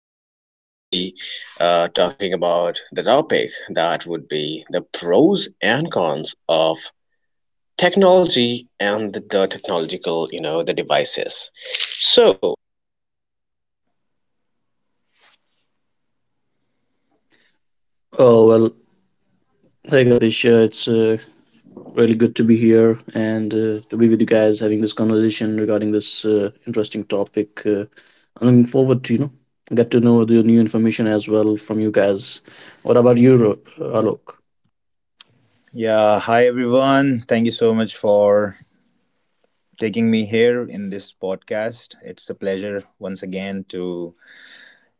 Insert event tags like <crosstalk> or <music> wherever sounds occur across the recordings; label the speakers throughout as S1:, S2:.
S1: So we would be talking about the topic that would be the pros and cons of technology and the technological, the devices. So
S2: Oh, well, hey Gatisha, it's really good to be here, and to be with you guys having this conversation regarding this interesting topic. I'm looking forward to, you know, get to know the new information as well from you guys. What about you, Alok?
S3: Yeah, hi everyone. Thank you so much for taking me here in this podcast. It's a pleasure once again to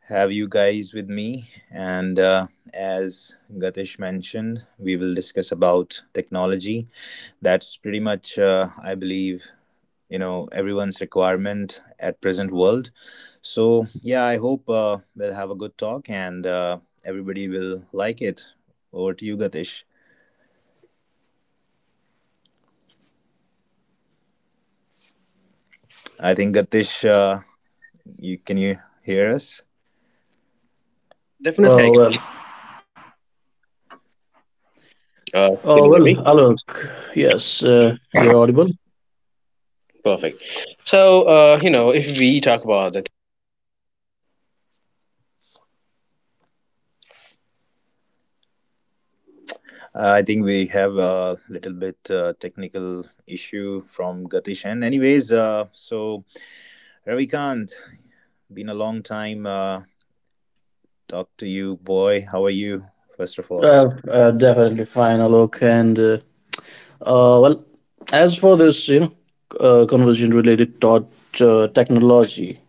S3: have you guys with me. And As Gatish mentioned, we will discuss about technology. That's pretty much, I believe, you know, everyone's requirement at present world. So yeah, I hope we'll have a good talk and everybody will like it. Over to you, Gatish. I think Gatish, you can you hear us?
S2: Oh,
S1: definitely, I
S2: well,
S1: can. Uh, can you hear me?
S2: Alok, yes, you're audible.
S1: Perfect. So, if we talk about the
S3: I think we have a little bit technical issue from Gatish. And anyways, so Ravikant, been a long time. Talk to you, boy. How are you? First of all,
S2: Definitely fine, Alok, and Uh, well, as for this, you know, conversation related to technology,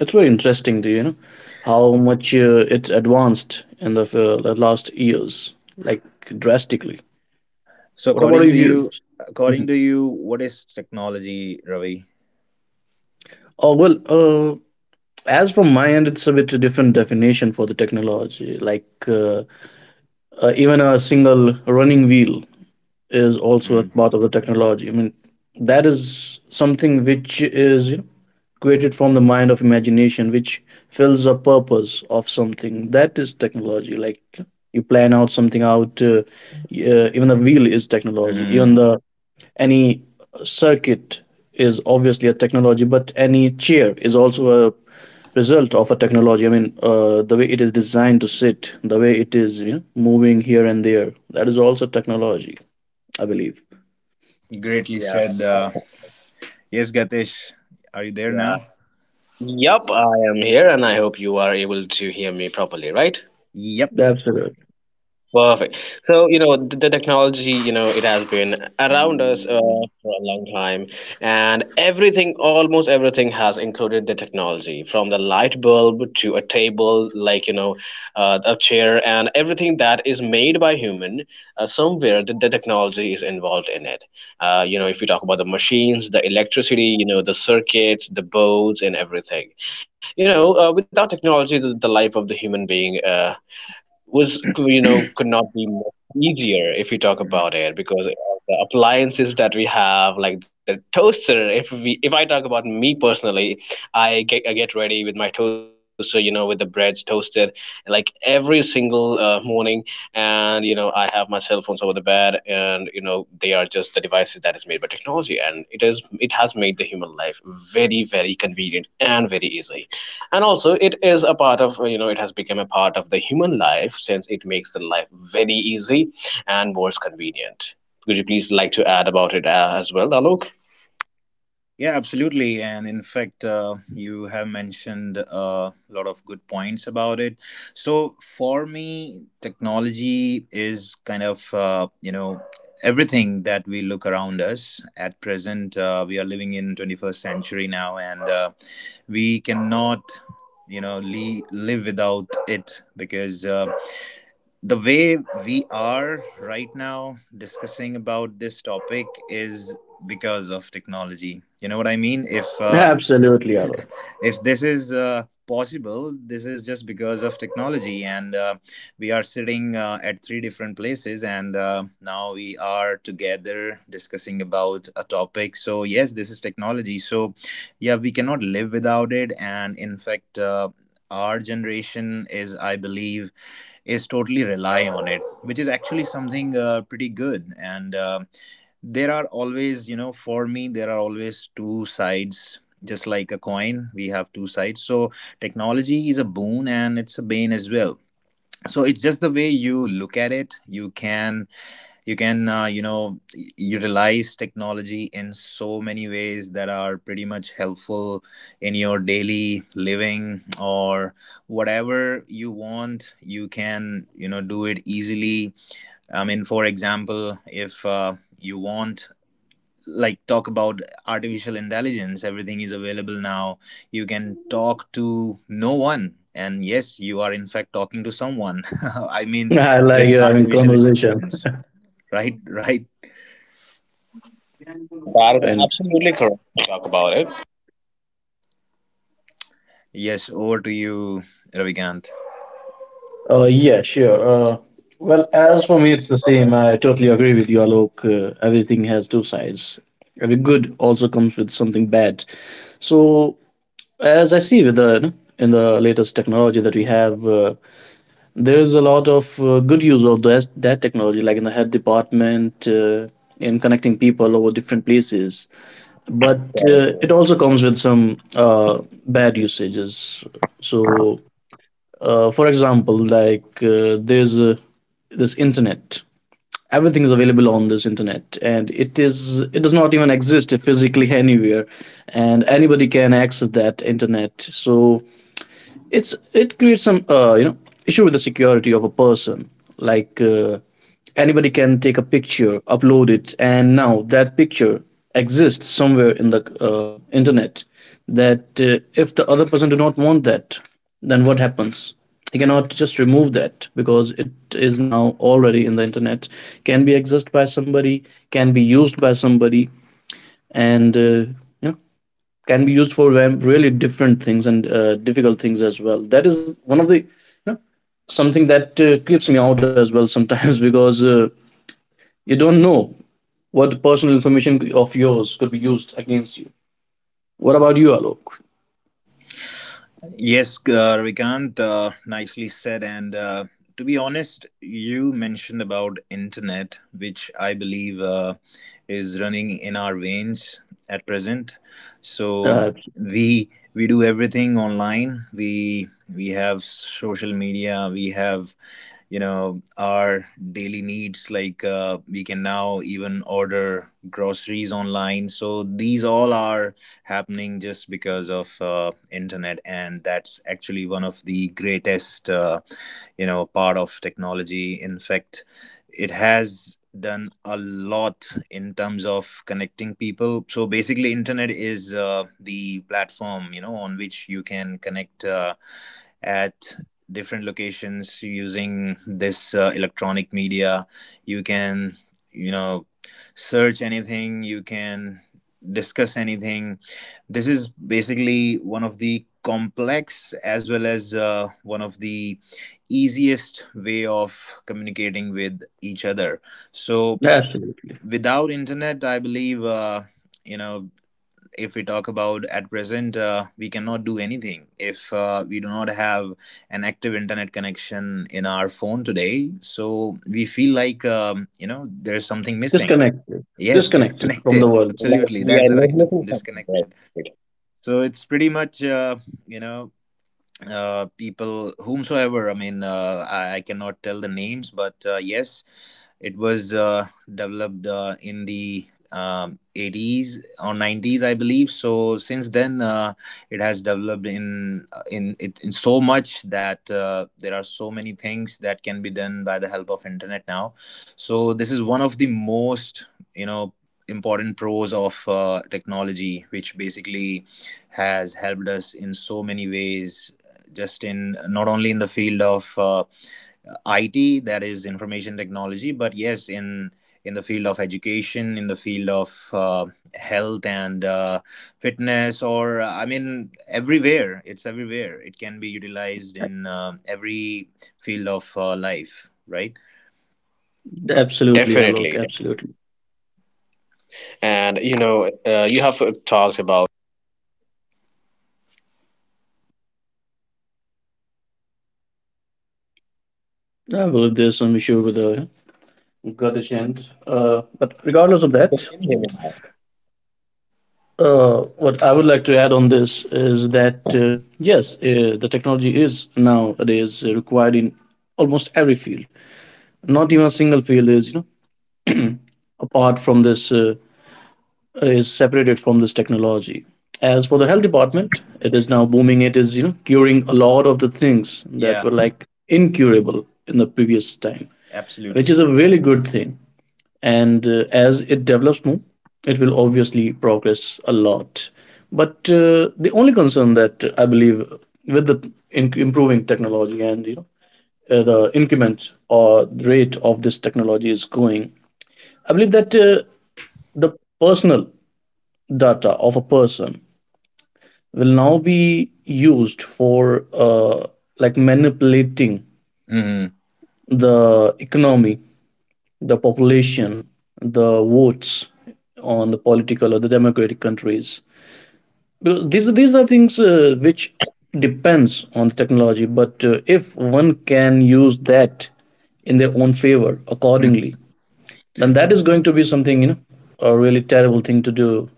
S2: it's very interesting, to, you know, how much it's advanced in the last years, like drastically.
S3: so
S2: What about
S3: according to
S2: you?
S3: you,
S2: Mhm.
S3: what is technology, Ravi?
S2: Oh, well, uh, as from my end, it's a bit different definition for the technology. Like, even a single running wheel is also a part of the technology. I mean, that is something which is, you know, created from the mind of imagination, which fills a purpose of something. That is technology. Like you plan out something out. Even the wheel is technology.
S3: Mm-hmm.
S2: Even the any circuit is obviously a technology, but any chair is also a result of a technology. I mean, the way it is designed to sit, the way it is, you know, moving here and there, that is also technology, I believe.
S3: Greatly
S1: yeah,
S3: said. Yes, Gatish, are you there
S1: yeah.
S3: now?
S1: Yup, I am here and I hope you are able to hear me properly, right?
S3: Yep.
S2: Absolutely.
S1: Perfect. So, the technology, it has been around us for a long time, and everything, almost everything, has included the technology from the light bulb to a table, like, a chair, and everything that is made by human. Somewhere the technology is involved in it. If you talk about the machines, the electricity, the circuits, the boats, and everything. Without technology, the life of the human being was, could not be more easier if we talk about it, because of the appliances that we have, like the toaster. If we if I talk about me personally, I get ready with my toaster, with the breads toasted like every single morning. And I have my cell phones over the bed, and they are just the devices that is made by technology. And it has made the human life very, very convenient and very easy. And also it is a part of, it has become a part of the human life, since it makes the life very easy and more convenient. Could you please like to add about it as well, Alok?
S3: Yeah, absolutely. And in fact, you have mentioned a lot of good points about it. So for me, technology is kind of, you know, everything that we look around us at present. We are living in 21st century now, and we cannot, you know, live without it because the way we are right now discussing about this topic is because of technology, you know what I mean? If
S2: Absolutely, Alok.
S3: if this is possible, this is just because of technology, and we are sitting at three different places, and now we are together discussing about a topic. So yes, this is technology. So yeah, we cannot live without it. And in fact, our generation is, I believe, is totally rely on it, which is actually something pretty good, and there are always, you know, for me there are always two sides. Just like a coin, we have two sides. So technology is a boon and it's a bane as well. So it's just the way you look at it. You can you can you know utilize technology in so many ways that are pretty much helpful in your daily living, or whatever you want you can you know do it easily. I mean, for example, if you want, like, talk about artificial intelligence, everything is available now. You can talk to no one and yes, you are in fact talking to someone. <laughs> I mean,
S2: <laughs> I like
S3: with
S2: you having
S3: artificial
S2: conversation.
S3: intelligence, right? <laughs> Right.
S1: Yeah, that is absolutely correct to talk about it.
S3: Yes, over to you, Ravikant.
S2: Yeah, sure. Well, as for me, it's the same. I totally agree with you, Alok. Everything has two sides. Every good also comes with something bad. So, as I see with the in the latest technology that we have, there is a lot of good use of this, that technology, like in the health department, in connecting people over different places. But it
S1: Like,
S2: also comes with some bad usages. So for example, like there's this internet, everything is available on this internet, and it does not even exist physically anywhere, and anybody can access that internet. So it creates some you know, issue with the security of a person. Like anybody can take a picture, upload it, and now that picture exists somewhere in the internet. That if the other person do not want that, then what happens? He cannot just remove that because it is now already in the internet. Can be accessed by somebody, can be used by somebody, and you know, can be used for really different things and difficult things as well. That is one of the, you know, something that creeps me out as well sometimes <laughs> because you don't know what personal information of yours could be used against you. What about you, Alok?
S3: Yes, Ravikant, nicely said. And to be honest, you mentioned about internet, which I believe is running in our veins at present. So
S2: Uh,
S3: we do everything online. We have social media. We have, you know, our daily needs, like we can now even order groceries online. So these all are happening just because of internet, and that's actually one of the greatest, you know, part of technology. In fact, it has done a lot in terms of connecting people. So basically, internet is the platform, you know, on which you can connect at different locations using this electronic media. You can you know search anything, you can discuss anything. This is basically one of the complex as well as one of the easiest way of communicating with each other. So
S2: absolutely
S3: without internet, I believe, you know, if we talk about at present, we cannot do anything if we do not have an active internet connection in our phone today. So we feel like you know, there's something missing.
S2: disconnected,
S3: Yes, <laughs>
S2: disconnected from
S3: disconnected,
S2: the world.
S3: absolutely,
S1: like
S3: that's the
S1: we are
S3: right
S1: not
S3: term,
S1: missing something,
S3: disconnected.
S1: right?
S3: So it's pretty much you know people, whomsoever, I mean I cannot tell the names, but yes, it was developed in the 80s or 90s, I believe. So since then, it has developed in it in so much that there are so many things that can be done by the help of internet now. So this is one of the most, you know, important pros of technology, which basically has helped us in so many ways. Just in not only in the field of IT, that is information technology. But yes, in the field of education, in the field of health and fitness, or I mean, everywhere, it's everywhere. It can be utilized in every field of life, right?
S2: Absolutely,
S1: Definitely.
S2: Alok. Absolutely.
S1: And you have talked about.
S2: I believe there's some issue with the Kurdish end, but regardless of that,
S1: Can you hear me now?
S2: What I would like to add on this is that yes, the technology is nowadays required in almost every field. Not even a single field is, you know, apart from this, is separated from this technology. As for the health department, it is now booming. It is, you know, curing a lot of the things that
S3: Yeah,
S2: were like incurable in the previous time, which
S3: absolutely.
S2: is a really good thing. And As it develops more, it will obviously progress a lot. But the only concern that I believe with the improving technology, and you know, the increment or rate of this technology is going, I believe that the personal data of a person will now be used for like manipulating
S3: Mhm.
S2: the economy, the population, the votes on the political or the democratic countries. Because these are things which depends on the technology. But if one can use that in their own favor accordingly, then that is going to be something, you know, a really terrible thing to do.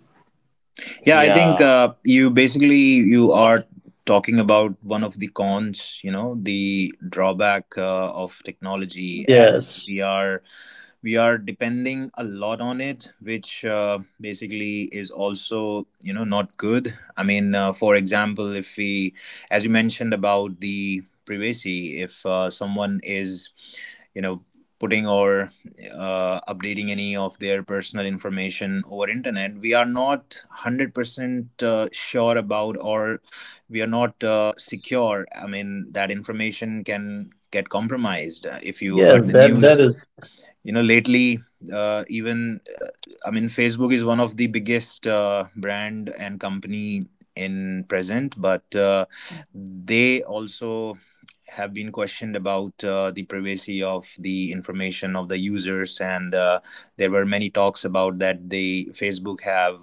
S1: Yeah.
S3: Yeah, I think
S1: Yeah.
S3: you basically you are talking about one of the cons, you know, the drawback of technology, as
S2: Yes,
S3: we are depending a lot on it, which basically is also, you know, not good. I mean, for example, if we, as you mentioned about the privacy, if someone is, you know, putting or updating any of their personal information over internet, we are not 100% sure about, or we are not secure. I mean, that information can get compromised. If you
S2: yes,
S3: heard the
S2: that
S3: news,
S2: that is
S3: you know, lately, even I mean, Facebook is one of the biggest brand and company in present, but they also have been questioned about the privacy of the information of the users, and there were many talks about that they Facebook have,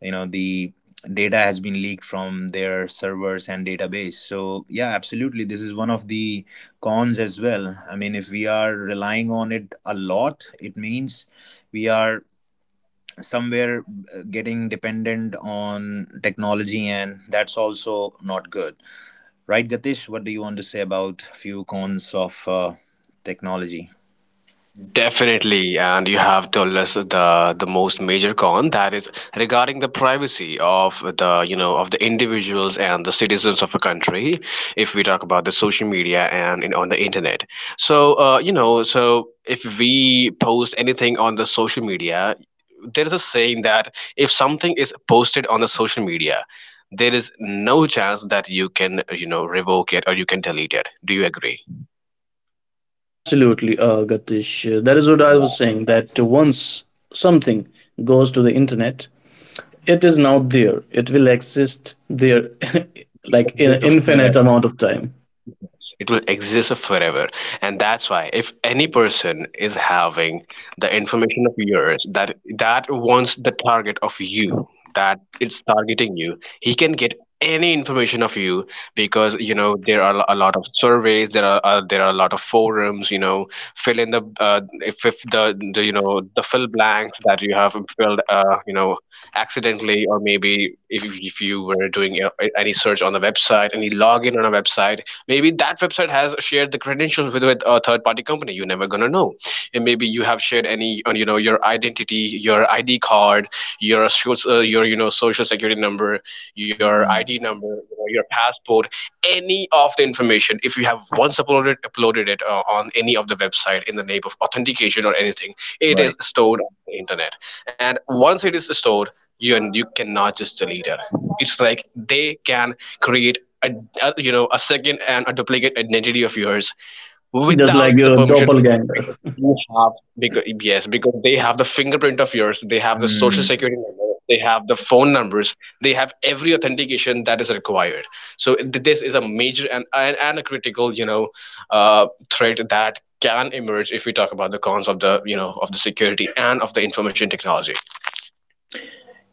S3: you know, the data has been leaked from their servers and database. So yeah, absolutely, this is one of the cons as well. I mean, if we are relying on it a lot, it means we are somewhere getting dependent on technology, and that's also not good, right? Gatish, what do you want to say about few cons of technology?
S1: Definitely, and you have told us the most major con, that is regarding the privacy of, the of the individuals and the citizens of a country. If we talk about the social media and in, on the internet, so, so if we post anything on the social media, there is a saying that if something is posted on the social media, there is no chance that you can, revoke it or you can delete it. Do you agree?
S2: Absolutely, Gatish. That is what I was
S1: Yeah,
S2: saying. That once something goes to the internet, it is now there. It will exist there, <laughs>
S1: it
S2: like in an
S1: exists
S2: infinite
S1: forever.
S2: amount of time,
S1: It will exist forever, and that's why if any person is having the information of yours, that that wants the target of you, that it's targeting you, he can get any information of you. Because there are a lot of surveys, there are a lot of forums, fill in the if the, the, the fill blanks that you have filled accidentally. Or maybe if you were doing any search on the a website and you log in on a website, maybe that website has shared the credentials with a third party company. You're never going to know. And maybe you have shared any your identity, your id card, your social your, social security number, your
S3: Hmm,
S1: id number, your passport, any of the information. If you have once uploaded it on any of the website in the name of authentication or anything, it is stored on the internet. And once it is stored, you cannot just the leader. It's like they can create a, a second and a duplicate identity of yours
S2: just like
S1: without the
S2: your
S1: permission of yours.
S2: doppelganger.
S1: Because you have, because yes, because they have the fingerprint of yours, they have the social
S3: right.
S1: security number, they have the phone numbers, they have every authentication that is required. So this is a major and a critical, threat that can emerge if we talk about the cons of the you know of the security and of the information technology.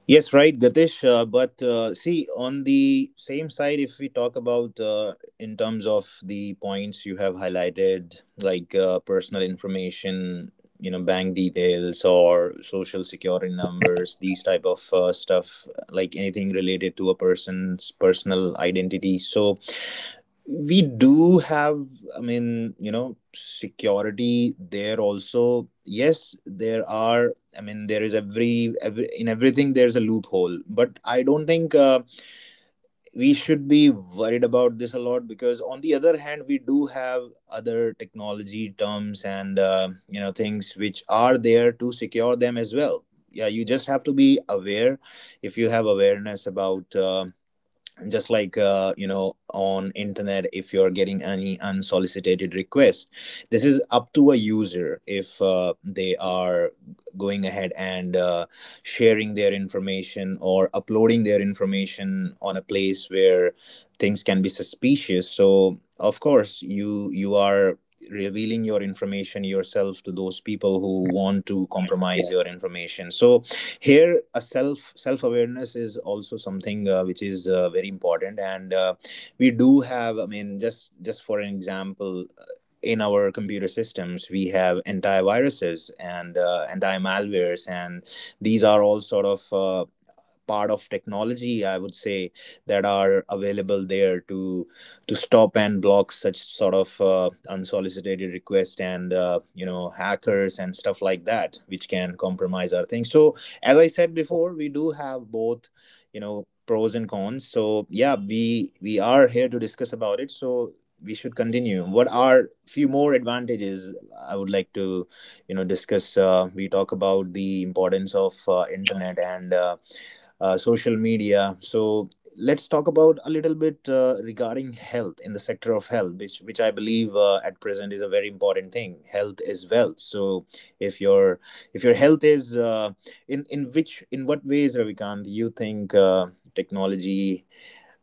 S3: Yes, right, Gatish. But see, on the same side, if we talk about in terms of the points you have highlighted, like personal information, you know, bank details or social security numbers, these type of stuff, like anything related to a person's personal identity. So we do have, I mean, you know, security there also. Yes, there are, I mean, there is every in everything there's a loophole, but I don't think we should be worried about this a lot, because on the other hand we do have other technology terms, and you know, things which are there to secure them as well. Yeah, you just have to be aware. If you have awareness about and just like you know, on internet, if you're getting any unsolicited request, this is up to a user if they are going ahead and sharing their information or uploading their information on a place where things can be suspicious. So of course you you are revealing your information yourself to those people who want to compromise your information. So here a self awareness is also something which is very important, and we do have, I mean, just for an example, in our computer systems we have antiviruses and anti malwares, and these are all sort of part of technology, I would say, that are available there to stop and block such sort of unsolicited requests and you know, hackers and stuff like that which can compromise our things. So as I said before, we do have both, you know, pros and cons. So yeah, we are here to discuss about it. So we should continue. What are few more advantages? I would like to, you know, discuss we talk about the importance of internet and social media. So let's talk about a little bit regarding health, in the sector of health, which I believe at present is a very important thing. Health is wealth. So if your health is in which in what ways, Ravikant, do you think technology,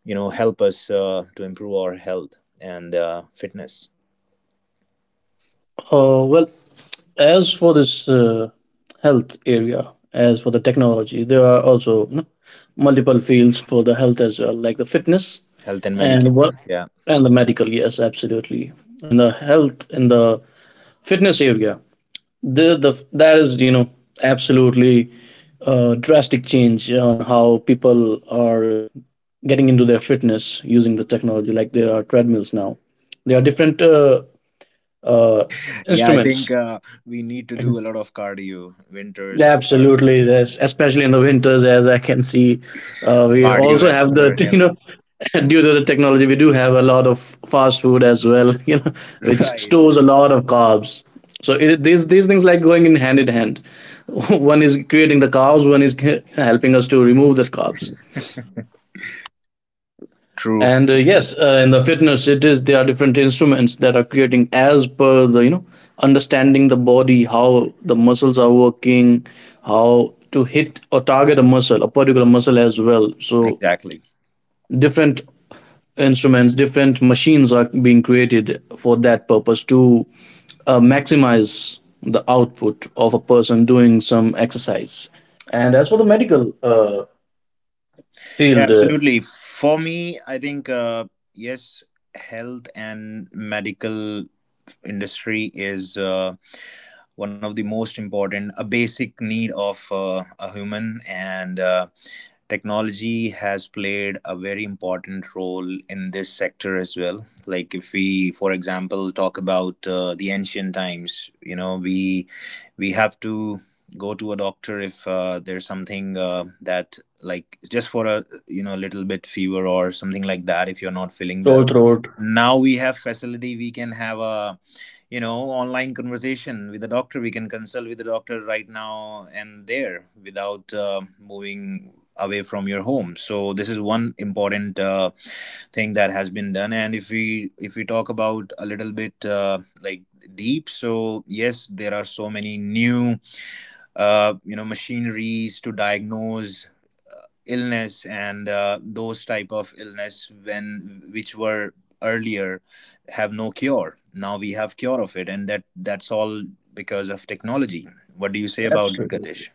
S3: you know, help us to improve our health and fitness?
S2: Well, as for this health area, as for the technology, there are also, you know, multiple fields for the health as well, like the fitness
S3: Health and
S2: and what
S3: Medicare. Yeah.
S2: and the medical. Yes, absolutely. And the health in the fitness area, the that is, you know, absolutely drastic change on how people are getting into their fitness using the technology. Like there are treadmills now. There are different uh,
S3: Yeah, I
S2: instruments.
S3: think we need to
S2: Mhm.
S3: do a lot of cardio. Winters, or
S2: Absolutely, yes. Especially in the winters, as I can see, we also have the
S3: cardiovascular
S2: <laughs> you
S3: health.
S2: know, due to the technology, we do have a lot of fast food as well, <laughs> you know,
S3: <laughs>
S2: which
S3: Right.
S2: stores a lot of carbs. So these things like going in hand in hand. <laughs> One is creating the carbs, one is helping us to remove the carbs.
S3: True, true.
S2: And Yes, in the fitness, it is there are different instruments that are creating as per the, you know, understanding the body, how the muscles are working, how to hit or target a muscle, a particular muscle as well. So
S3: Exactly.
S2: different instruments, different machines are being created for that purpose to maximize the output of a person doing some exercise. And as for the medical uh,
S3: Yeah,
S2: field, uh,
S3: absolutely. For me, I think, yes, health and medical industry is one of the most important, a basic need of a human, and technology has played a very important role in this sector as well. Like if we, for example, talk about the ancient times, we have to go to a doctor if there's something that, like, just for a little bit fever or something like that, if you're not feeling well.
S2: sore throat,
S3: Now we have facility. We can have a online conversation with the doctor. We can consult with the doctor right now and there without moving away from your home. So this is one important thing that has been done. And if we talk about a little bit, deep, so yes, there are so many new machineries to diagnose illness, and those type of illness when which were earlier have no cure, now we have cure of it. And that's all because of technology. What do you say about it,
S2: absolutely.
S3: Gatish?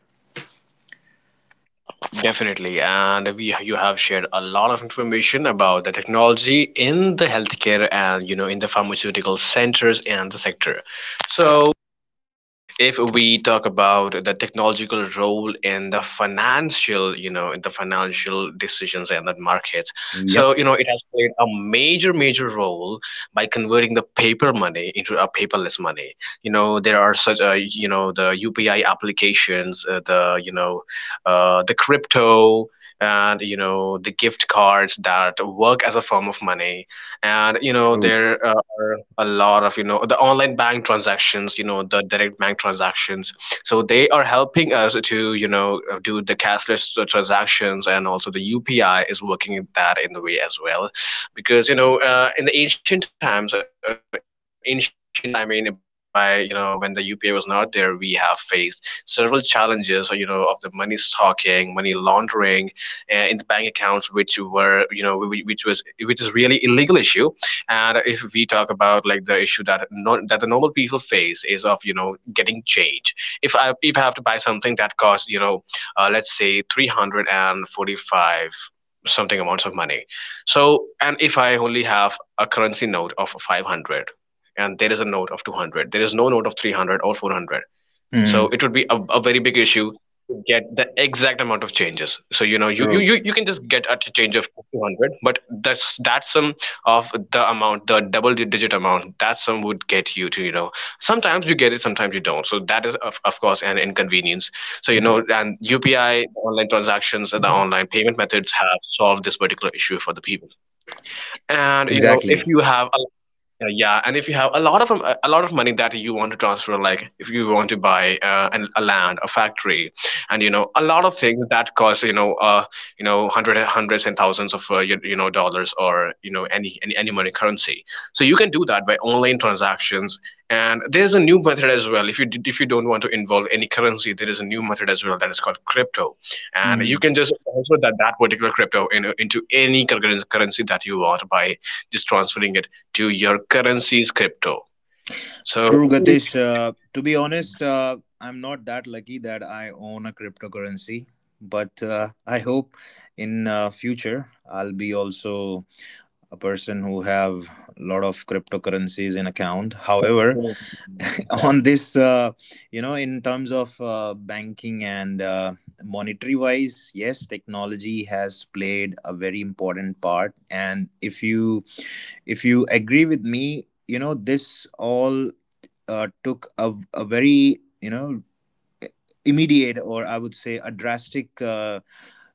S1: Definitely, and we you have shared a lot of information about the technology in the healthcare and, in the pharmaceutical centers and the sector. So if we talk about the technological role in the financial, in the financial decisions and the markets,
S3: Yep.
S1: so, it has played a major, major role by converting the paper money into a paperless money. You know, there are such, the UPI applications, the crypto, and, the gift cards that work as a form of money. And,
S3: True.
S1: there are a lot of, the online bank transactions, the direct bank transactions. So they are helping us to, do the cashless transactions, and also the API is working that in the way as well. Because in the ancient times, ancient I mean by, when the UPI was not there, we have faced several challenges, of the money stalking, money laundering in the bank accounts, which were, which is really illegal issue. And if we talk about like the issue that no, that the normal people face is of, getting change. If I have to buy something that costs, let's say 345, something amounts of money, so, and if I only have a currency note of 500, and there is a note of 200, there is no note of 300 or 400. So
S3: Hmm.
S1: it would be a very big issue to get the exact amount of changes. So
S3: True.
S1: you you can just get a change of 200, but that's that sum of the amount, the digit amount, that sum would get you to, you know. Sometimes you get it, sometimes you don't. So that is, of course, an inconvenience. So, and UPI, the online transactions, and the online payment methods have solved this particular issue for the people. And if
S3: Exactly.
S1: you have a yeah, and if you have a lot of a lot of money that you want to transfer, like if you want to buy a land, a factory, and a lot of things that cost, hundred, hundreds and thousands of dollars, or any money currency. So you can do that by online transactions. And there's a new method as well. If you don't want to involve any currency, there is a new method as well, that is called crypto, and you
S3: Mhm.
S1: can just transfer that particular crypto into any currency that you want by just transferring it to your currency is crypto. So
S3: True,
S1: if
S3: Gatish.
S1: you say,
S3: To be honest, I'm not that lucky that I own a cryptocurrency, but I hope in future I'll be also a person who have a lot of cryptocurrencies in account. However,
S1: you know,
S3: <laughs> on this, in terms of banking and monetary wise, yes, technology has played a very important part. And if you agree with me, this all took a very, immediate, or I would say, a drastic uh,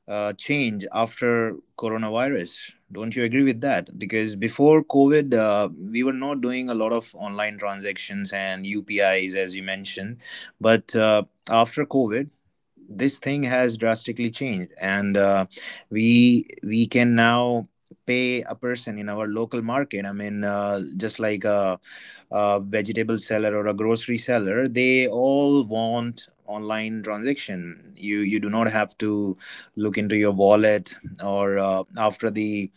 S3: uh, change after coronavirus. Don't you agree with that? Because before COVID, we were not doing a lot of online transactions and UPIs, as you mentioned. But after COVID, this thing has drastically changed, and we can now pay a person in our local market. I mean, just like a vegetable seller or a grocery seller. They all want online transaction. You do not have to look into your wallet, or after the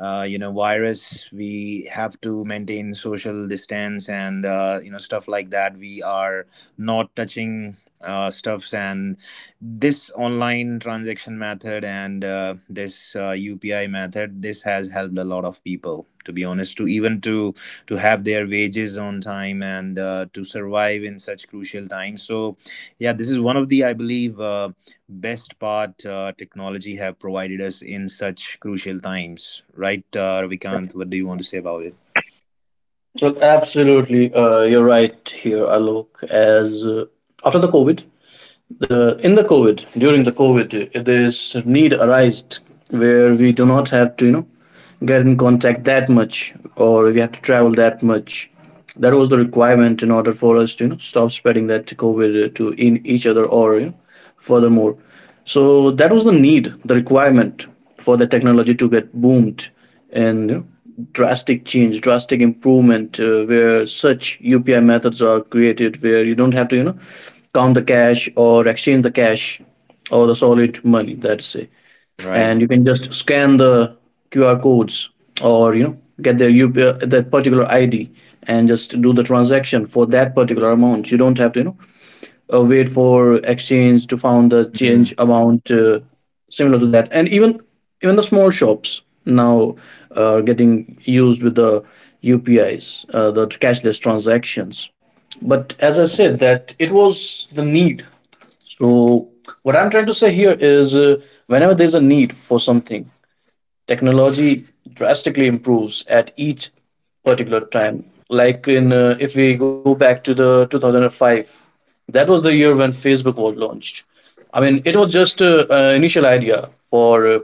S3: virus, we have to maintain social distance, and stuff like that, we are not touching stuffs. And this online transaction method, and this upi method, this has helped a lot of people, to be honest, to even to have their wages on time, and to survive in such crucial times. So yeah, this is one of the, I believe, best part technology have provided us in such crucial times, right? Ravikant, what do you want to say about it?
S2: Well, absolutely, you're right here, Alok. As After the COVID, the in the COVID, during the COVID, this need arised where we do not have to, you know, get in contact that much, or we have to travel that much. That was the requirement in order for us to, you know, stop spreading that COVID to in each other, or you know, furthermore. So that was the need, the requirement for the technology to get boomed and, you know, drastic change, drastic improvement, where such UPI methods are created, where you don't have to, you know, count the cash or exchange the cash or the solid money, that's it. And
S3: Right.
S2: you can just scan the QR codes or, you know, get their UPI, that particular ID, and just do the transaction for that particular amount. You don't have to, you know, wait for exchange to found the
S3: Mm.
S2: change amount, similar to that. And even even the small shops now are getting used with the upis, the cashless transactions. But as I said, that it was the need. So what I'm trying to say here is whenever there's a need for something, technology drastically improves at each particular time. Like in if we go back to the 2005, that was the year when Facebook was launched. I mean, it was just an initial idea for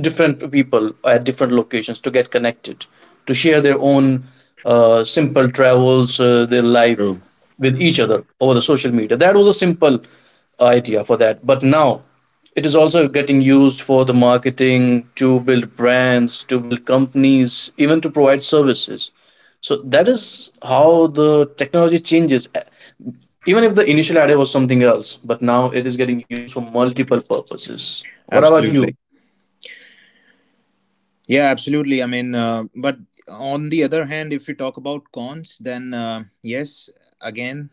S2: different people at different locations to get connected, to share their own simple travels, their life
S3: True.
S2: with each other over the social media. That was a simple idea for that. But now it is also getting used for the marketing, to build brands, to build companies, even to provide services. So that is how the technology changes. Even if the initial idea was something else, but now it is getting used for multiple purposes. What about you?
S3: Absolutely. Yeah, absolutely. I mean, but on the other hand, if we talk about cons, then yes, again,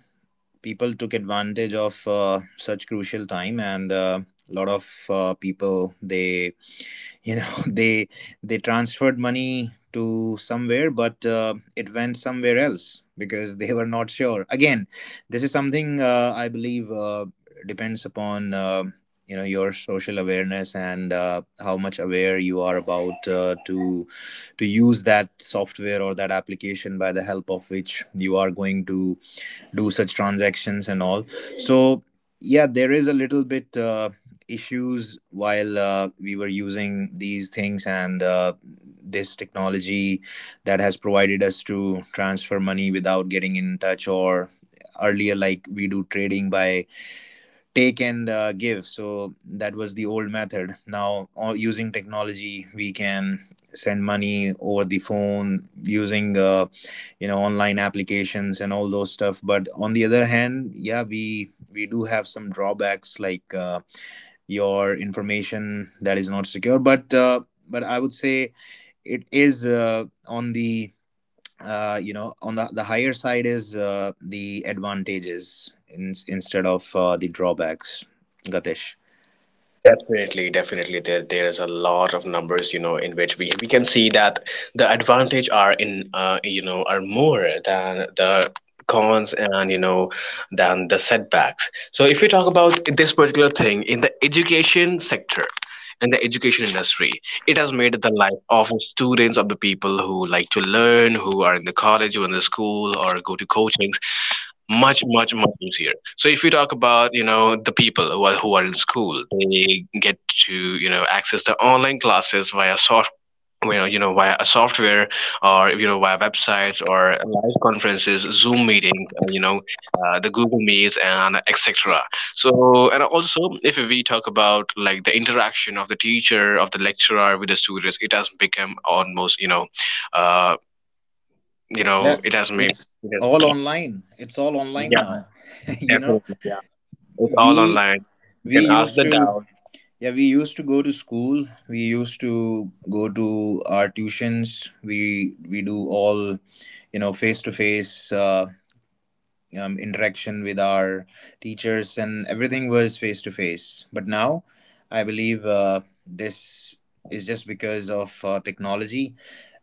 S3: people took advantage of such crucial time, and a lot of people, they you know <laughs> they they transferred money to somewhere, but it went somewhere else because they were not sure. Again, this is something, I believe, depends upon, your social awareness, and how much aware you are about to use that software or that application by the help of which you are going to do such transactions and all. So yeah, there is a little bit issues while we were using these things, and this technology that has provided us to transfer money without getting in touch. Or earlier, like we do trading by take and give, so that was the old method. Now all, using technology, we can send money over the phone using online applications and all those stuff. But on the other hand, yeah, we do have some drawbacks, like your information that is not secure. But I would say, it is on the, on the higher side is the advantages, in, instead of the drawbacks, Gatesh.
S1: definitely, definitely, there is a lot of numbers, in which we can see that the advantage are in, are more than the cons, and than the setbacks. So if we talk about this particular thing in the education sector, in the education industry, it has made the life of the students, of the people who like to learn, who are in the college, who are in the school, or go to coachings, much, much, much easier. So if we talk about, the people who are in school, they get to, access the online classes via soft, via a software, or via websites or live conferences, zoom meetings, the Google Meets, and etc. So, and also if we talk about like the interaction of the teacher, of the lecturer with the students, it has become almost, uh,
S3: Yeah,
S1: it has made,
S3: it's
S1: it has,
S3: all online. It's all online
S1: yeah.
S3: now. <laughs> you know
S1: Definitely, yeah. It's all
S3: we
S1: online. You
S3: we
S1: can ask
S3: used
S1: the
S3: to
S1: doubt.
S3: Yeah, we used to go to school. We used to go to our tuitions. We do all, face to face interaction with our teachers, and everything was face to face. But now, I believe, this is just because of technology.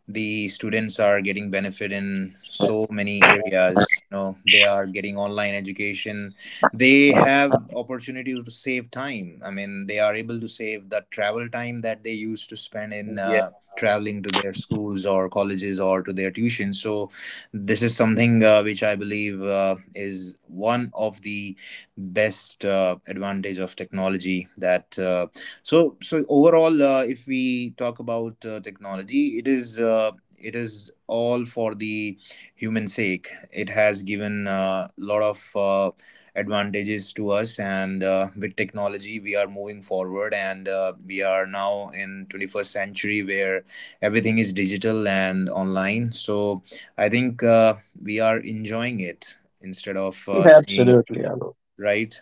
S3: The students are getting benefit in so many areas. They are getting online education. They have opportunity to save time. I mean, they are able to save the travel time that they used to spend in
S1: Yeah,
S3: traveling to their schools or colleges or to their tuition. So this is something, which I believe, is one of the best advantage of technology that so overall, if we talk about technology, it is it is all for the human sake. It has given a lot of advantages to us, and with technology, we are moving forward, and we are now in 21st century, where everything is digital and online. So, I think, we are enjoying it instead of
S2: Okay.
S3: saying,
S2: Absolutely, Alok.
S3: right?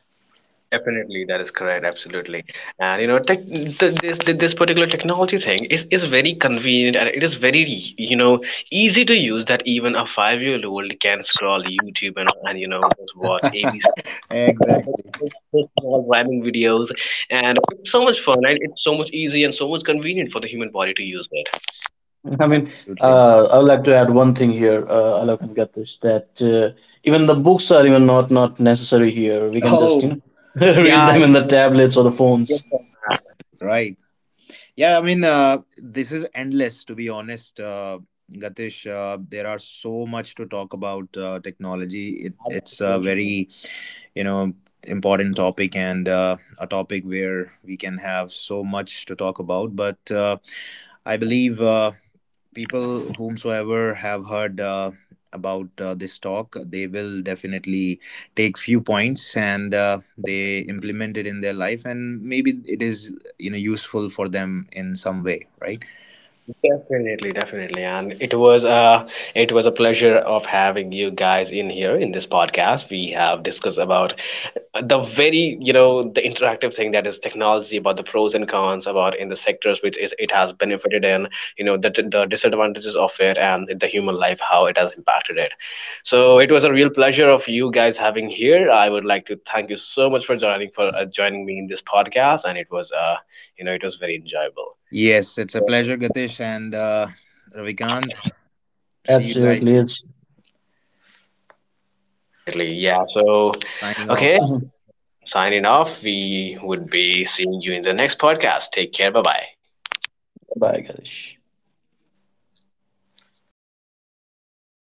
S1: definitely, that is correct. Absolutely, and, you know, tech, th this particular technology thing is very convenient, and it is very, you know easy to use. That even a five-year-old can scroll YouTube and, just watch ABC
S3: <laughs> Exactly.
S1: small rhyming videos, and it's so much fun and it's so much easy and so much convenient for the human body to use it.
S2: I mean,
S3: Absolutely.
S2: I would like to add one thing here, Alok and Gatish, that even the books are even not necessary here. We can just, you know,
S3: Oh.
S2: <laughs> read
S1: Yeah,
S2: them in the
S1: exactly.
S2: tablets or the
S1: Yes,
S2: phones.
S1: sir.
S3: Right. Yeah, I mean, this is endless, to be honest. Gatish, there are so much to talk about technology. It's a
S1: Absolutely.
S3: very, you know, important topic, and a topic where we can have so much to talk about. But I believe, people whomsoever have heard about this talk, they will definitely take few points, and they
S1: Definitely.
S3: implement it in their life, and maybe it is useful for them in some way, right?
S1: Definitely, definitely. And it was a pleasure of having you guys in here in this podcast. We have discussed about the very, the interactive thing that is technology, about the pros and cons, about in the sectors which is it has benefited in, the disadvantages of it and the human life, how it has impacted it. So it was a real pleasure of you guys having here. I would like to thank you so much for joining me in this podcast, and it was it was very enjoyable.
S3: Yes, it's a pleasure, Gatish, and Ravikant. See you guys.
S2: Absolutely, it's.
S1: Definitely. Yeah. So,
S3: Signing
S1: okay,
S3: off.
S2: Mhm.
S1: signing off. We would be seeing you in the next podcast. Take care. Bye bye.
S2: Bye, Gatish.